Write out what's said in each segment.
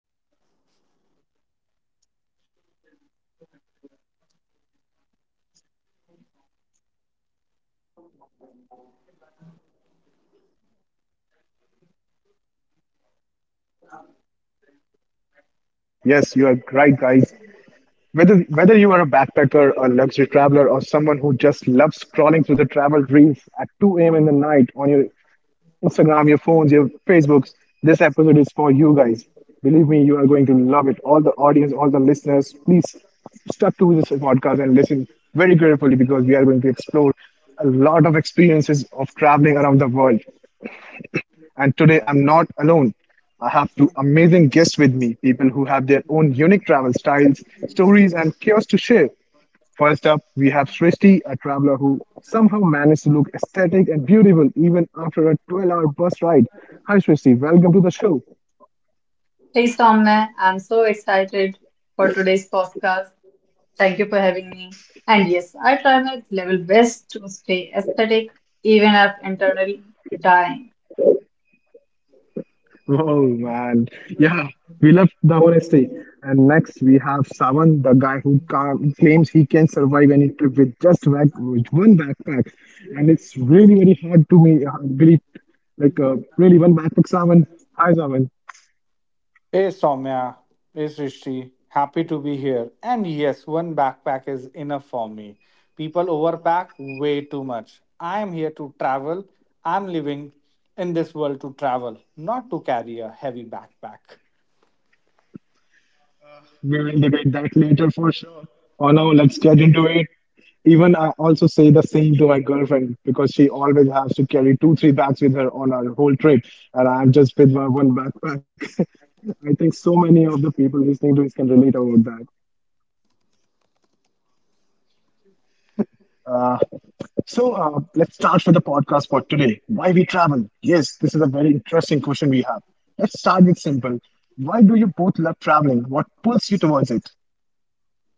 Hello, everyone, and welcome back to the Wonder Talk, the show where we explore the world one story at a time. I'm your host, Soumya, and today we are diving into a topic that I think everyone secretly dream about, traveling. Yes, you are right, guys. Whether you are a backpacker, a luxury traveler, or someone who just loves scrolling through the travel reels at 2 a.m. in the night on your Instagram, your phones, your Facebooks. This episode is for you guys. Believe me, you are going to love it. All the audience, all the listeners, please to this podcast and listen very carefully because we are going to explore a lot of experiences of traveling around the world. And today I'm not alone. I have two amazing guests with me, people who have their own unique travel styles, stories, and cures to share. First up, we have Srishti, a traveler who somehow managed to look aesthetic and beautiful even after a 12-hour bus ride. Hi, Srishti, welcome to the show. Hey Somna, I'm so excited for today's podcast. Thank you for having me. And yes, I try my level best to stay aesthetic, even if internally dying. Oh man, yeah, we love the honesty. And next we have Savan, the guy who claims he can survive any trip with just back with one backpack, and it's really very hard to me believe. Like really, one backpack, Savan. Hi, Savan. Hey Soumya, hey Srishti, happy to be here. And yes, one backpack is enough for me. People overpack way too much. I am here to travel. I'm living in this world to travel, not to carry a heavy backpack. We'll debate that later for sure. For now, let's get into it. Even I also say the same to my girlfriend because she always has to carry two, three bags with her on our whole trip, and I'm just with my one backpack. I think so many of the people listening to this can relate about that. Uh, so let's start with the podcast for today. Why we travel? Yes, this is a very interesting question we have. Let's start with simple. Why do you both love traveling? What pulls you towards it?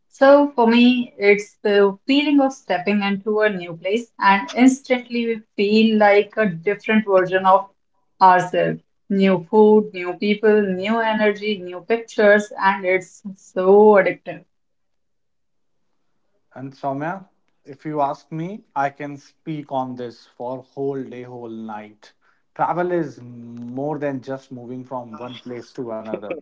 So for me, it's the feeling of stepping into a new place and instantly we feel like a different version of ourselves. New food, new people, new energy, new pictures, and it's so addictive. And Soumya, if you ask me, I can speak on this for whole day, whole night. Travel is more than just moving from one place to another.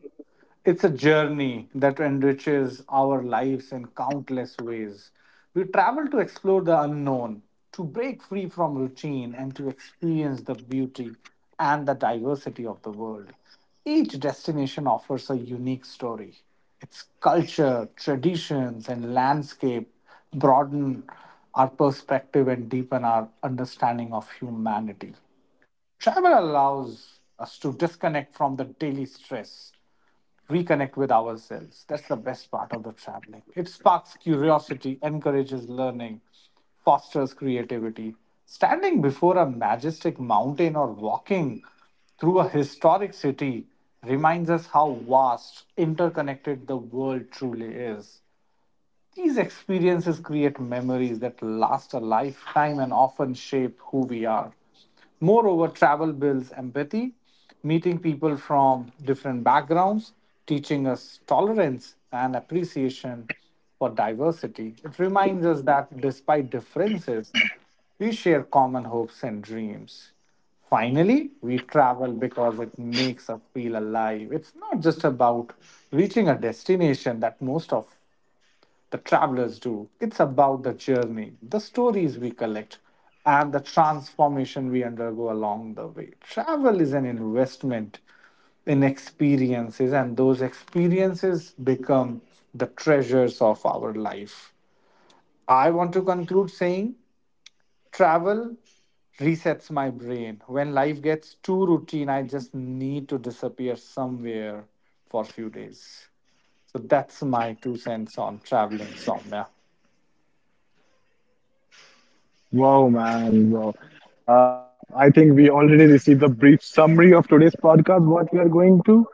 It's a journey that enriches our lives in countless ways. We travel to explore the unknown, to break free from routine, and to experience the beauty and the diversity of the world. Each destination offers a unique story, its culture, traditions, and landscape broaden our perspective and deepen our understanding of humanity. Travel allows us to disconnect from the daily stress, reconnect with ourselves. That's the best part of the traveling. It sparks curiosity, encourages learning, fosters creativity. Standing before a majestic mountain or walking through a historic city reminds us how vast, interconnected the world truly is. These experiences create memories that last a lifetime and often shape who we are. Moreover, travel builds empathy, meeting people from different backgrounds, teaching us tolerance and appreciation for diversity. It reminds us that despite differences, we share common hopes and dreams. Finally, we travel because it makes us feel alive. It's not just about reaching a destination that most of the travelers do. It's about the journey, the stories we collect, and the transformation we undergo along the way. Travel is an investment in experiences, and those experiences become the treasures of our life. I want to conclude saying travel resets my brain. When life gets too routine, I just need to disappear somewhere for a few days. So that's my 2 cents on traveling somewhere. Wow, man. Wow. Uh, I think we already received a brief summary of today's podcast, what we are going to.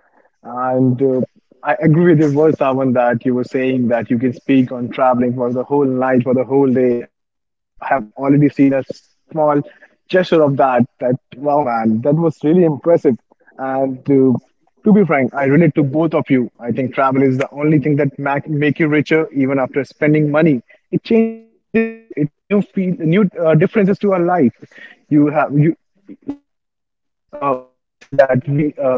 And I agree with your words, Savan, that you were saying that you can speak on traveling for the whole night, for the whole day. And we have already seen a small gesture of that. That, wow, man, that was really impressive. And to be frank, I relate to both of you. I think travel is the only thing that make, make you richer even after spending money. It changes you. It makes new feel new differences to our life. You have you like I must say that we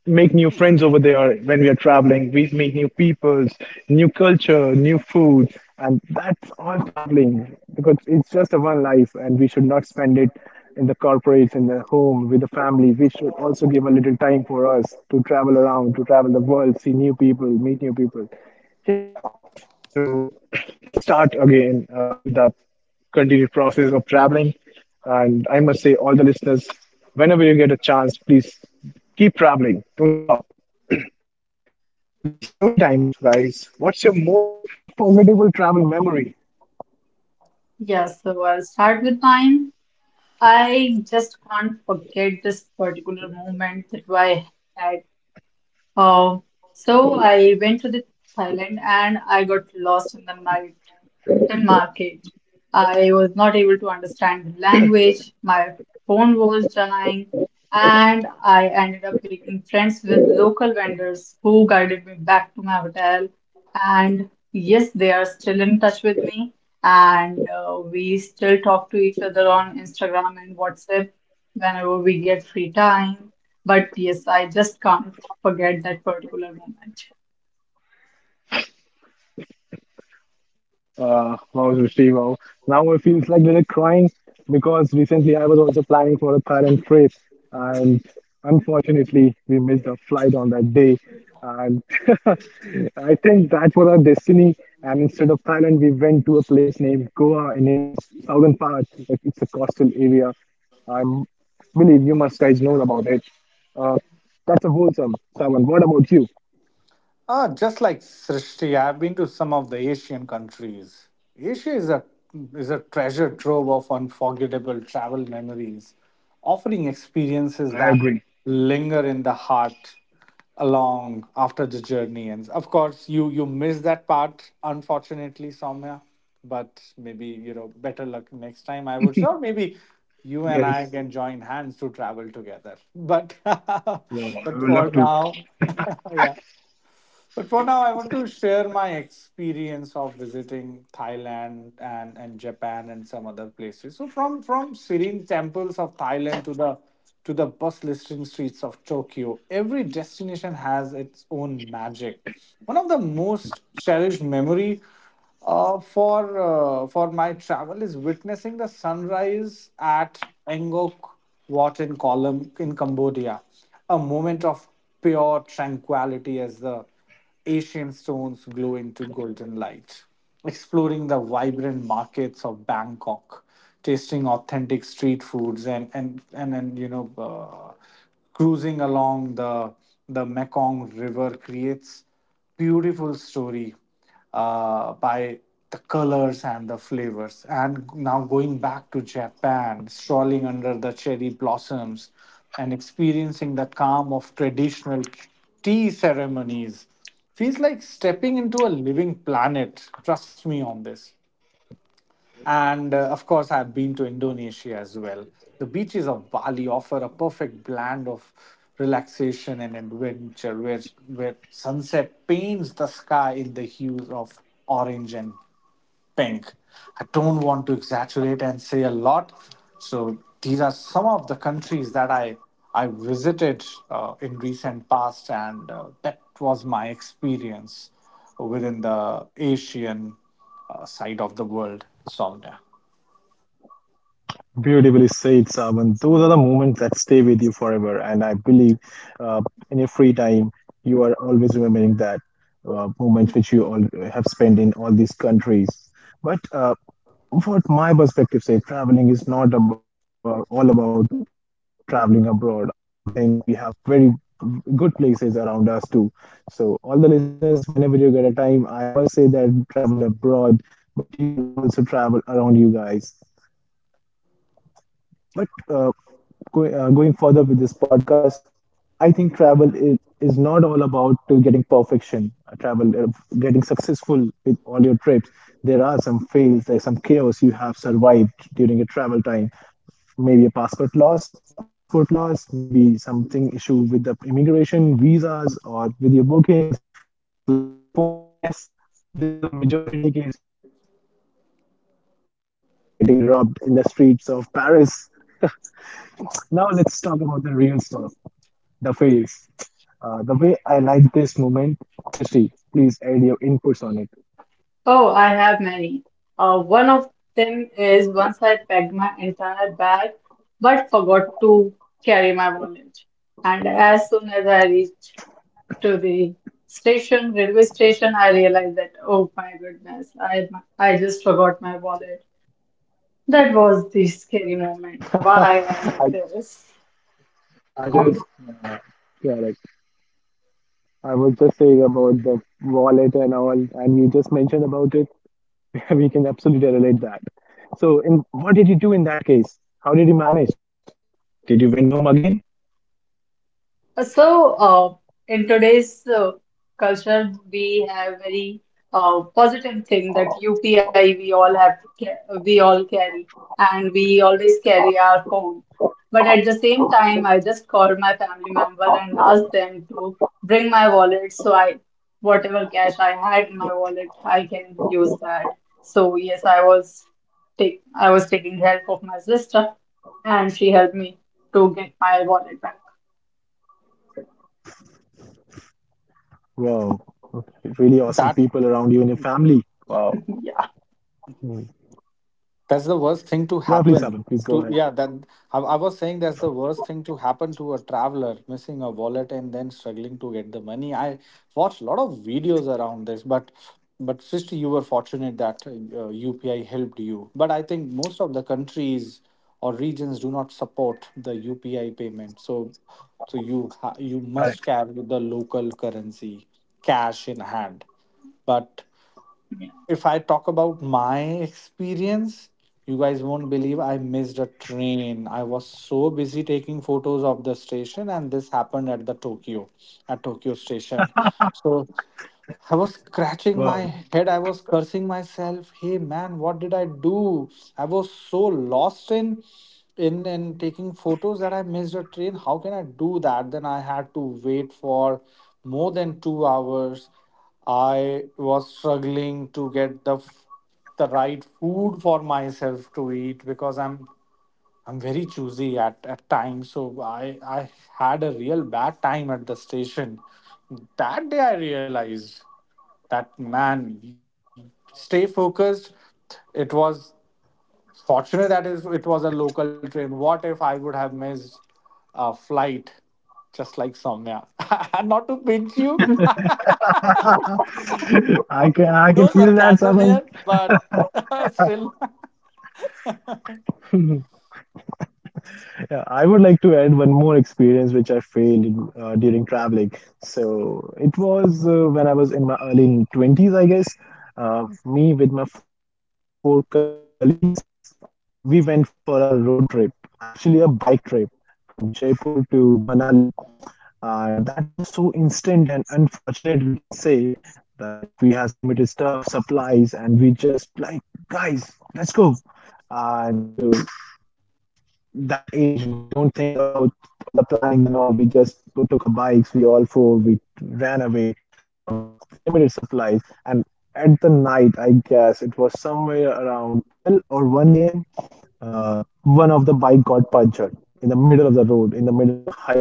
make new friends over there when we are traveling. We meet new peoples, new culture, new food, and that's all traveling because it's just a one life, and we should not spend it in the corporates, in the home, with the family. We should also give a little time for us to travel around, to travel the world, see new people, meet new people. Yeah. So let's start again with the continued process of traveling. And I must say, all the listeners, whenever you get a chance, please keep traveling. Don't stop. Okay, story time, guys. What's your most unforgettable travel memory? Yeah, so I'll start with mine. I just can't forget this particular moment that I had. Uh, so I went to the Thailand and I got lost in the night market. I was not able to understand the language, my phone was dying, and I ended up making friends with local vendors who guided me back to my hotel. And yes, they are still in touch with me, and we still talk to each other on Instagram and WhatsApp whenever we get free time. But yes, I just can't forget that particular moment. Mouse with Steve-O. Now it feels like little crying because recently I was also planning for a parent trip, and unfortunately we missed a flight on that day. And I think that was our destiny. And instead of Thailand, we went to a place named Goa in India, southern part. Like, it's a coastal area. I believe you must guys know about it. Uh, that's a wholesome, Savan. What about you? Ah, just like Srishti, I've been to some of the Asian countries. Asia is a treasure trove of unforgettable travel memories, offering experiences that I linger agree. in the heart along after the journey ends. Of course, you miss that part, unfortunately, Soumya. But maybe you know, better luck next time. I would say, or maybe you and I can join hands to Yes. travel together. But but for now, Yeah, I would love to. yeah. But for now, I want to share my experience of visiting Thailand and Japan and some other places. So from serene temples of Thailand to the bustling streets of Tokyo, every destination has its own magic. One of the most cherished memory for my travel is witnessing the sunrise at Angkor Wat in Kolom in Cambodia, a moment of pure tranquility as the Asian stones glow into golden light. Exploring the vibrant markets of Bangkok, tasting authentic street foods, and cruising along the Mekong River creates beautiful story by the colors and the flavors. And now going back to Japan, strolling under the cherry blossoms and experiencing the calm of traditional tea ceremonies feels like stepping into a living planet. Trust me on this. And of course, I've been to Indonesia as well. The beaches of Bali offer a perfect blend of relaxation and adventure, where sunset paints the sky in the hues of orange and pink. I don't want to exaggerate and say a lot. So these are some of the countries that I visited in recent past, and that was my experience within the Asian side of the world, Soumya. Beautifully said, Saban. Those are the moments that stay with you forever, and I believe uh, in your free time, you are always remembering that moments which you all have spent in all these countries. But what my perspective says, traveling is not about all about traveling abroad. I think we have very good places around us too. So, all the listeners, whenever you get a time, I must say that travel abroad, but you can also travel around you guys. But uh, Going further with this podcast, I think travel is not all about getting perfection, getting successful with all your trips. There are some fails, like survived during your travel time. Maybe a passport loss, passport loss, maybe something issue with the immigration, visas, or with your bookings, or just lost your phone, I guess. I think this is the majority cases I have heard about people losing their phone or getting robbed in the streets of Paris. Now let's talk about the real storm, the fails. The way I like this moment, Srishti, please add your inputs on it. Oh, I have many. One of them is once I packed my entire bag but forgot to carry my wallet. And as soon as I reached to the station, railway station, I realized that, oh my goodness, I just forgot my wallet. That was the I, scary moment. Why I like I this? just, uh, yeah, like I was just saying about the wallet and all, and you just mentioned about it. We can absolutely relate that. So, in what did you do in that case? How did you manage? Did you went home again? So, in today's culture, we have very positive thing that UPI we all have, we all carry, and we always carry our phone. But at the same time, I just called my family member and asked them to bring my wallet, so whatever cash I had in my wallet, I can use that. So yes, I was taking help of my sister, and she helped me to get my wallet back. Wow, okay. Really awesome people around you and your That family. Wow. Yeah. Mm. That's Yeah, the please, worst Savan, thing please to go ahead. happen to yeah. That I was saying that's the worst thing to happen to a traveler, missing a wallet and then struggling to get the money. I watched a lot of videos around this, but sister, you were fortunate that UPI helped you. But I think most of the countries or regions do not support the UPI payment, so Correct. You must carry the local currency cash in hand. But if I talk about my experience, you guys won't believe I missed a train. I was so busy taking photos of the station, and this happened at Tokyo station. So Wow. I was scratching my head. I was cursing myself. Hey man, what did I do? I was so lost in in taking photos that I missed a train. How can I do that? Then I had to wait for more than 2 hours. I was struggling to get the right food for myself to eat because I'm very choosy at times. So I had a real bad time at the station. That day I realized that man, stay focused. It was fortunate that is it was a local train. What if I would have missed a flight just like Somya? Not to pinch you. I can I No can feel that, sarcasm here, Saman. but still. Yeah, I would like to add one more experience which I failed in, during traveling. So it was when I was in my early 20s, I guess. Me with my four colleagues, we went for a road trip, actually a bike trip from Jaipur to Manali. And that was so instant and unfortunate, we can say, that we has limited stuff, supplies, and we just like, guys, let's go. And that age, we don't think about all the plannings and all. We just took our bikes, we all four, we ran away with limited supplies. And at the night, I guess it was somewhere around 12 or 1 a.m., one of the bike got punctured in the middle of the road, in the middle of the highway. I must say, it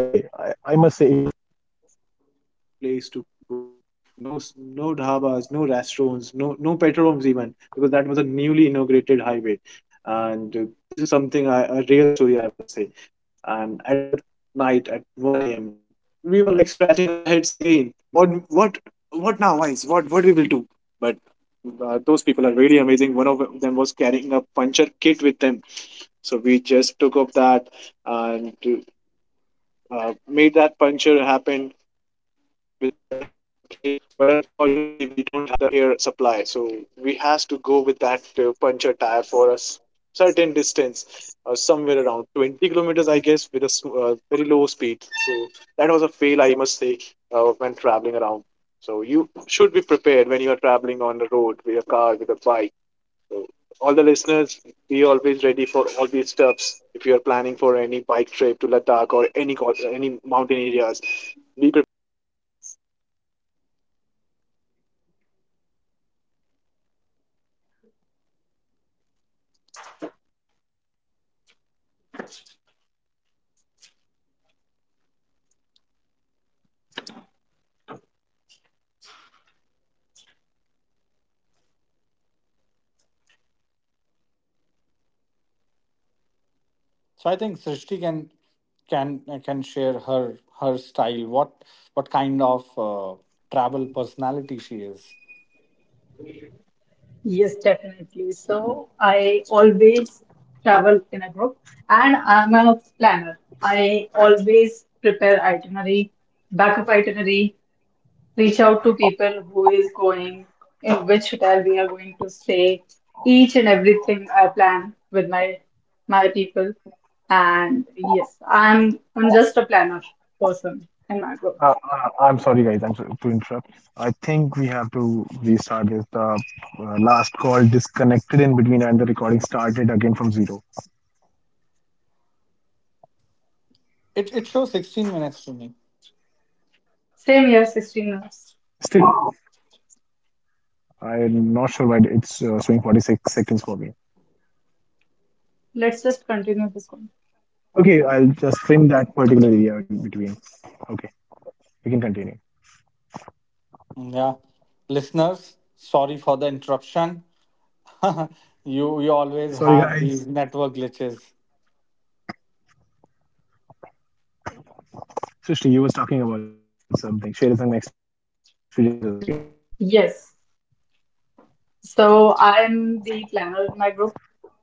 So I think Srishti can share her her style. What kind of travel personality she is? Yes, definitely. So I always travel in a group and I'm a planner. I always prepare itinerary, backup itinerary, reach out to people who is going, in which hotel we are going to stay. Each and everything I plan with my people. And yes, I'm just a planner person in my group. I'm sorry, guys. I'm sorry to interrupt. I think we have to restart this. The last call disconnected in between, and the recording started again from zero. It shows 16 minutes to me. Same year, 16 Still, months. I'm not sure why it's showing 46 seconds for me. Let's just continue this one. Okay, I'll just trim that particular area in between. Okay, we can continue. Yeah, listeners, sorry for the interruption. You Sorry, always guys. have these network glitches. Srishti, you were talking about something. Share some experiences, I guess. Yes. So I'm the planner in my group,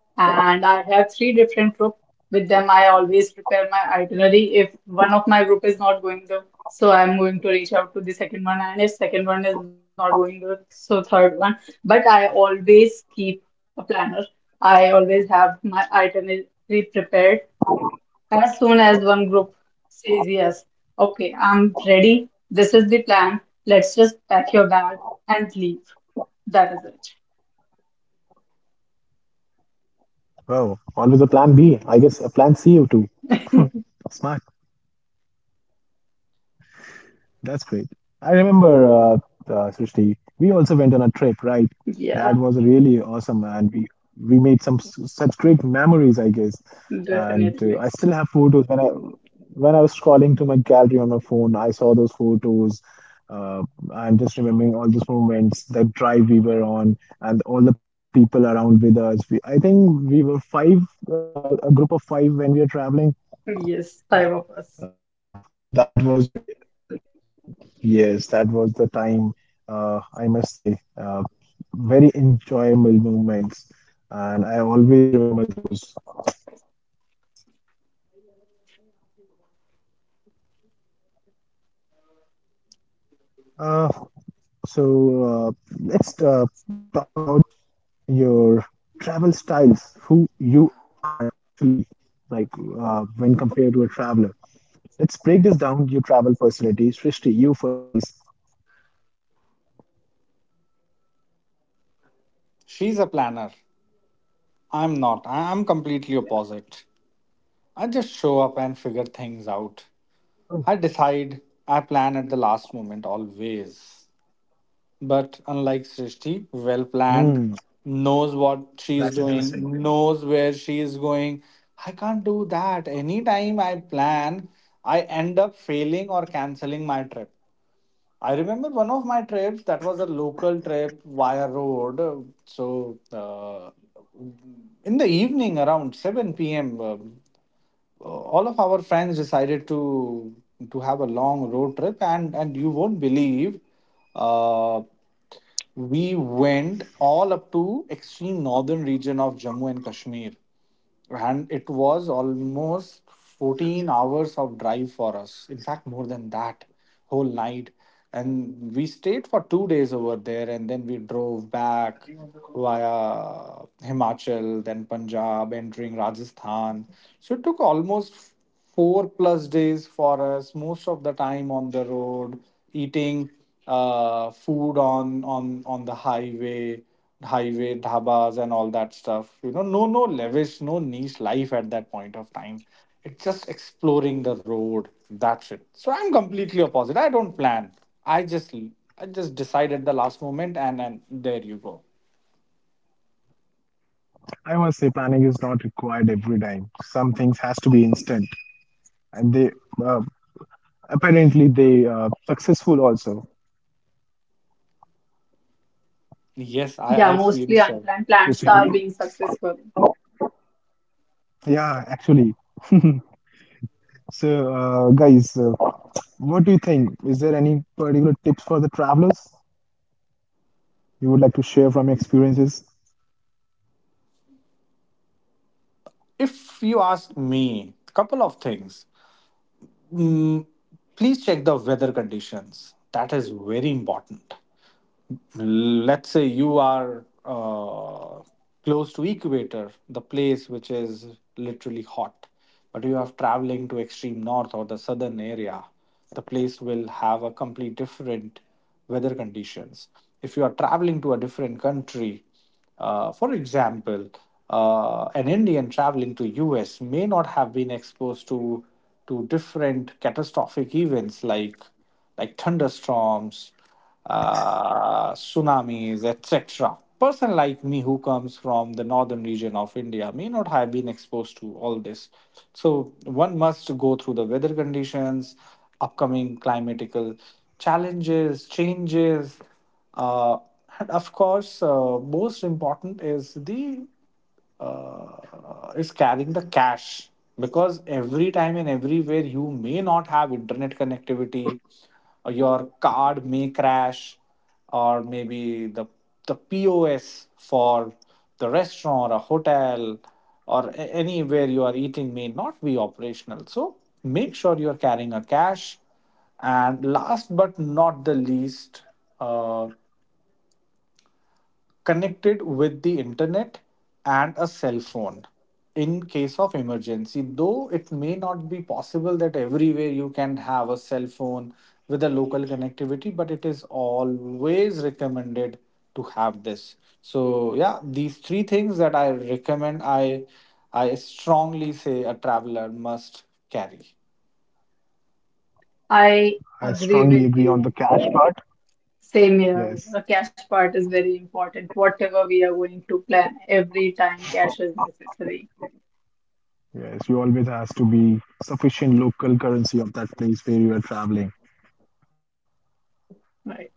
and I have three different groups. With them, I always prepare my itinerary. If one of my group is not going to, so I'm going to reach out to the second one, and if second one is not going to, so third one. But I always keep a planner. I always have my itinerary prepared as soon as one group says yes. Okay, I'm ready. This is the plan. Let's just pack your bag and leave. That is it. Wow, always a plan B. I guess a plan C, you too. Hmm, smart. That's great. I remember, Srishti, we also went on a trip, right? Yeah. That was really awesome, and we made some such great memories, I guess. Definitely. And I still have photos when I was scrolling to my gallery on my phone, I saw those photos. Uh, I'm just remembering all those moments, that drive we were on, and all the people around with us. We, I think we were five, a group of five when we were traveling. Yeah, Yes, five of us. That was re yes, that was the time, I must say, very enjoyable moments. And I always remember those. Uh, so let's talk about your travel styles, who you are actually, like when compared to a traveler. Let's break this down, your travel personality. Srishti, you first, please. She's a planner. I'm not. I'm completely opposite. I just show up and figure things out. Oh. I decide. I plan at the last moment always. But unlike Srishti, well Hmm, planned, knows what that's she is interesting. doing, knows where she is going. I can't do that. Anytime I plan, I end up failing or canceling my trip. I remember one of my trips that was a local trip via road. So, uh, in the evening around 7 p.m., all of our friends decided to have a long road trip, and you won't believe, uh, we went all up to extreme northern region of Jammu and Kashmir, and it was almost 14 hours of drive for us, in fact more than that, whole night, and we stayed for 2 days over there and then we drove back via Himachal, then Punjab, entering Rajasthan. So it took almost four plus days for us, most of the time on the road, eating food on the highway dhabas and all that stuff, you know, no lavish, no niche life at that point of time. It's just exploring the road, that's it. So I'm completely opposite, I don't plan, i just I just decide at the last moment, and there you go. I must say planning is not required every time. Some things has to be instant. And they uh, apparently they successful also. Yes, Yeah, I mostly feel unplanned so. plans are being You successful. yeah, Actually. So, guys, what do you think? Is there any particular tips for the travelers you would like to share from your experiences? If you ask me, couple of things. mm, Please check the weather conditions, that is very important. Let's say you are close to equator, the place which is literally hot, but you have traveling to extreme north or the southern area, the place will have a complete different weather conditions. If you are traveling to a different country, for example, an Indian traveling to US may not have been exposed to different catastrophic events like thunderstorms, tsunamis, etc. Person like me who comes from the northern region of India may not have been exposed to all this. So one must go through the weather conditions, upcoming climatical challenges, changes, uh, and of course, most important is the is carrying the cash, because every time and everywhere you may not have internet connectivity, or your card may crash, or maybe the POS for the restaurant or hotel or anywhere you are eating may not be operational. So make sure you are carrying a cash. And last but not the least, uh connected with the internet and a cell phone in case of emergency, though it may not be possible that everywhere you can have a cell phone with a local connectivity, but it is always recommended to have this. So yeah, these three things that I recommend, I strongly say a traveler must carry. I I agree with strongly you. agree on the cash part. Same here. The cash Yes, part is very important. Whatever we are going to plan, every time cash is necessary. yes, you always has to be sufficient local currency of that place where you are traveling. Right.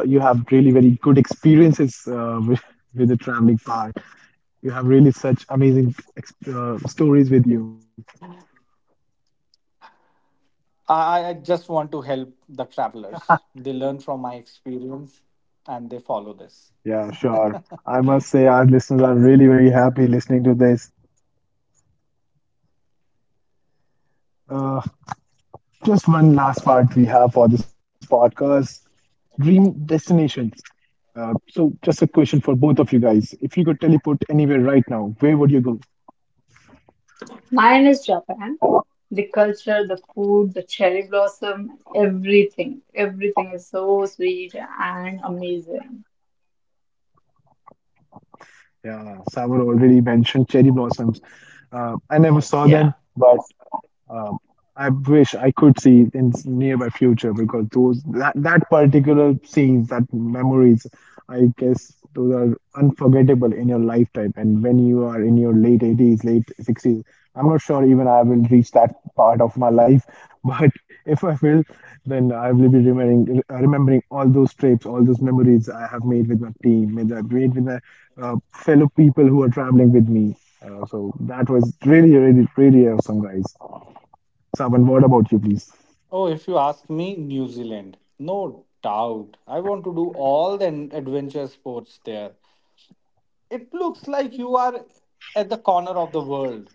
I think, Savan, you you have really very good experiences with the traveling part. You have really such amazing stories with you. I just want to help the travelers, they learn from my experience and they follow this. Yeah, sure. I must say, our listeners are really very happy listening to this. Uh, just one last part we have for this podcast: dream destinations. So, just a question for both of you guys: if you could teleport anywhere right now, where would you go? Mine is Japan. The culture, the food, the cherry blossom, everything. Everything is so sweet and amazing. Yeah, Savar already mentioned cherry blossoms. Yes. Yeah. I never saw them, but Um, I wish I could see in nearby future because those that, that particular scenes, that memories, I guess those are unforgettable in your lifetime. And when you are in your late 80s, late 60s, I'm not sure even I will reach that part of my life. But if I will, then I will be remembering all those trips, all those memories I have made with my team, with I made with my fellow people who are traveling with me. So that was really, really, really awesome, guys. Savan, what Oh, if about you you, ask please? me, New Zealand. No doubt. I want to do all the adventure sports there. It looks like you are at the corner of the world.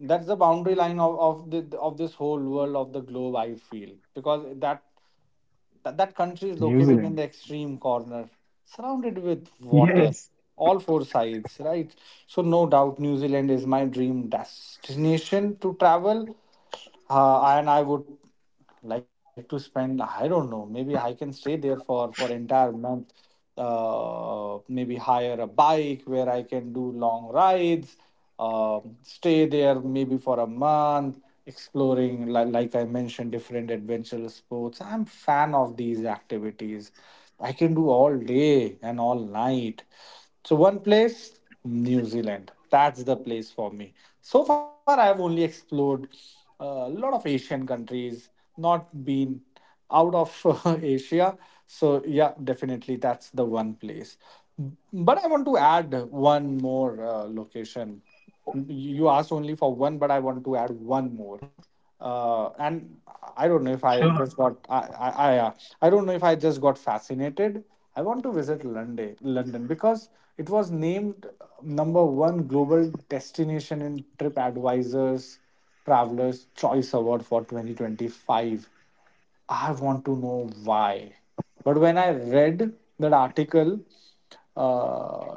That's the boundary line of the of this whole world of the globe, I feel. Because that country is located in the extreme New Zealand. corner, surrounded with water, all four Yes. sides, right? So, no doubt, New Zealand is my dream destination to travel. And I would like to spend, I don't know, maybe I can stay there for entire month. Maybe hire a bike where I can do long rides, stay there maybe for a month, exploring, like I mentioned, different adventure sports. I'm fan of these activities, I can do all day and all night. So one place, New Zealand, that's the place for me. So far I've only explored uh, a lot of Asian countries, not been out of Asia. So, yeah, definitely that's the one place. But I want to add one more location. You asked only for one, but I want to add Mm-hmm. one more. And Sure. I don't know if I just got I don't know if I just got fascinated. I want to visit London because it was named number one global destination in TripAdvisor's Traveler's Choice Award for 2025. I want to know why. But when I read that article, uh,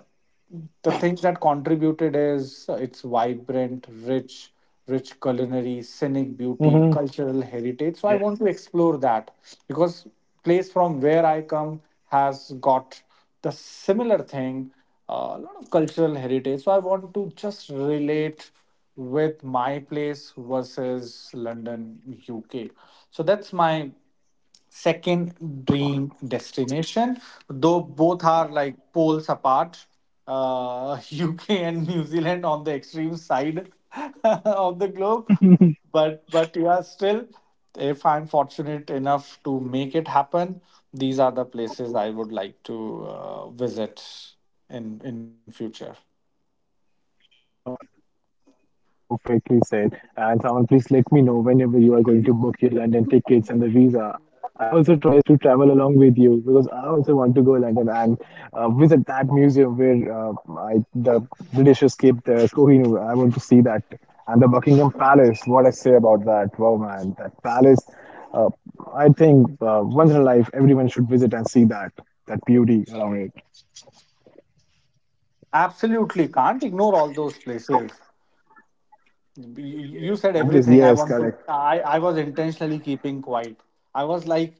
the things that contributed is it's vibrant, rich culinary, scenic beauty, Mm-hmm. cultural heritage. So I want to explore that because place from where I come has got the similar thing, a lot of cultural heritage. So I want to just relate with my place versus London, UK. So that's my second dream destination. Though both are like poles apart, uh, UK and New Zealand on the extreme side of the globe. But Yes. Yeah, still, if I'm fortunate enough to make it happen, these are the places I would like to visit in future. Sure. Perfectly said. And someone, please let me know whenever you are going to book your London tickets and the visa. I also try my best to travel along with you because I also want to go London and visit that museum where the British escaped the Kohinoor. I want to see that. And the Buckingham Palace, what I say about that. Wow, man, that palace. Uh, I think once in a life, everyone should visit and see that, that beauty around it. Absolutely can't ignore all those places. You said Obviously, everything I yes, want to. correct. I was intentionally keeping quiet. I was like,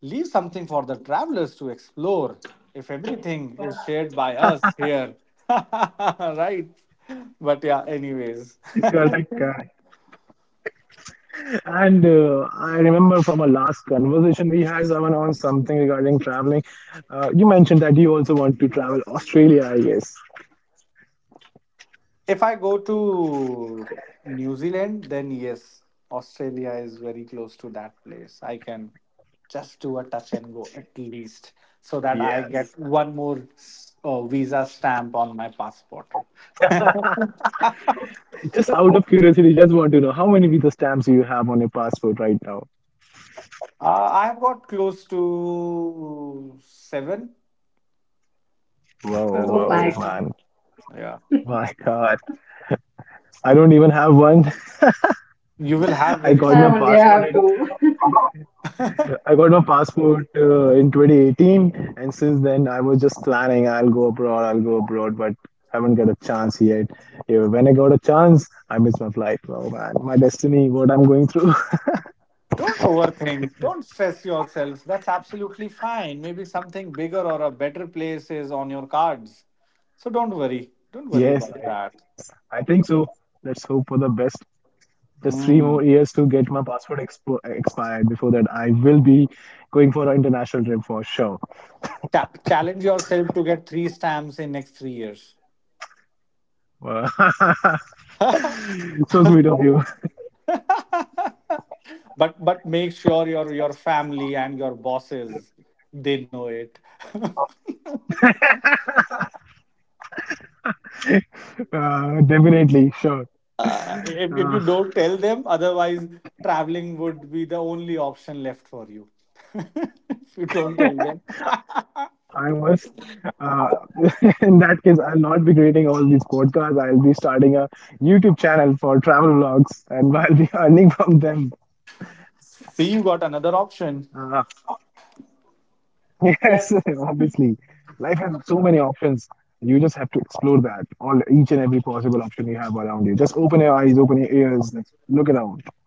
leave something for the travelers to explore if everything is shared by us here. Right? But yeah, anyways. And I remember from our last conversation we had, Zaman, on something regarding traveling. You mentioned that you also want to travel Australia, I guess. If I go to New Zealand, then yes, Australia is very close to that place. I can just do a touch and go at least, so that I Yes. get one more visa stamp on my passport. Just out of curiosity, just want to know how many visa stamps you have on your passport right now? I've got close to seven. Whoa, Oh my whoa, Yeah. God. man. Yeah. My God. I don't even have one. You will have I very got I my soon. only passport. have Right, two. I got my passport in 2018, and since then I was just planning I'll go abroad, but haven't got a chance yet. Yeah, when I got a chance, I missed my flight. Oh man, my destiny, what I'm going through. Don't overthink. Don't stress yourself. That's absolutely fine. Maybe something bigger or a better place is on your cards. So don't worry. Don't worry Yes, about that. I think so. Let's hope for the best. Just three more Mm. years to get my passport expo expired. Before that, I will be going for an international trip for sure. Challenge yourself to get three stamps in next 3 years. Wow. but So sweet of you. but make sure your family and your bosses, they know it. Definitely, sure. If you Uh, don't tell them, otherwise traveling would be the only option left for you. If you don't tell them, I was, uh, in that case, I'll not be creating all these podcasts. I'll be starting a YouTube channel for travel vlogs, and I'll be earning from them. see you got another option. Uh, Yeah. yes, obviously. Life has so many options. You just have to explore that, all each and every possible option you have around you. Just open your eyes, open your ears, like, look around.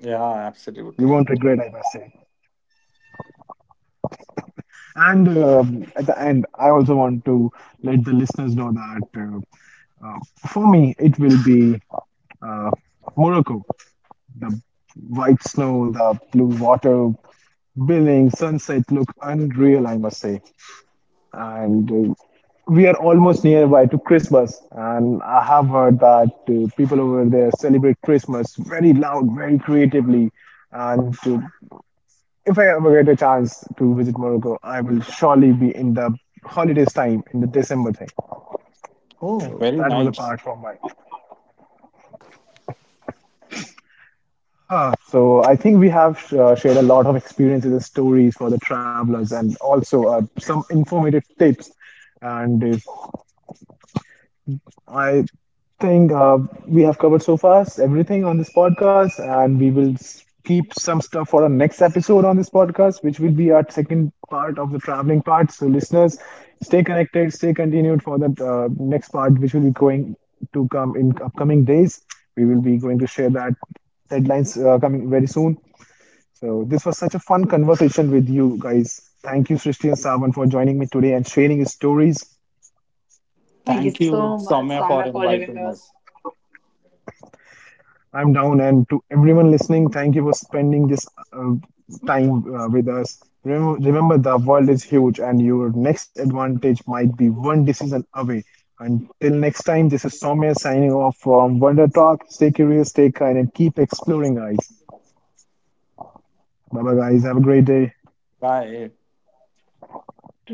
Yeah, absolutely. You won't regret, like I must say. And at the end, I also want to let the listeners know that uh, uh, for me, it will be uh, Morocco. The white snow, the blue water, buildings, sunset look unreal, I must say. And we are almost nearby to Christmas, and I have heard that people over there celebrate Christmas very loud, very creatively. And if I ever get a chance to visit Morocco, I will surely be in the holidays time in the December thing. Oh, So very that was a nice. part from mine. Ah, so I think we have shared a lot of experiences and stories for the travelers, and also some informative tips. And I think we have covered so far everything on this podcast, and we will keep some stuff for our next episode on this podcast, which will be our second part of the traveling part. So, listeners, stay connected, stay continued for that next part, which will be going to come in upcoming days. We will be going to share that deadlines coming very soon. So this was such a fun conversation with you guys. Thank you, Srishti and Savan, for joining me today and sharing your stories. Thank you Thank you, so much, Soumya, Soumya, for for having inviting us us. I'm down, and to everyone listening, thank you for spending this uh, time with us. Remember, the world is huge, and your next advantage might be one decision away. Until next time, this is Soumya signing off from Wonder Talk. Stay curious, stay kind, and keep exploring, guys. Bye bye, guys. Have a great day. Bye. today.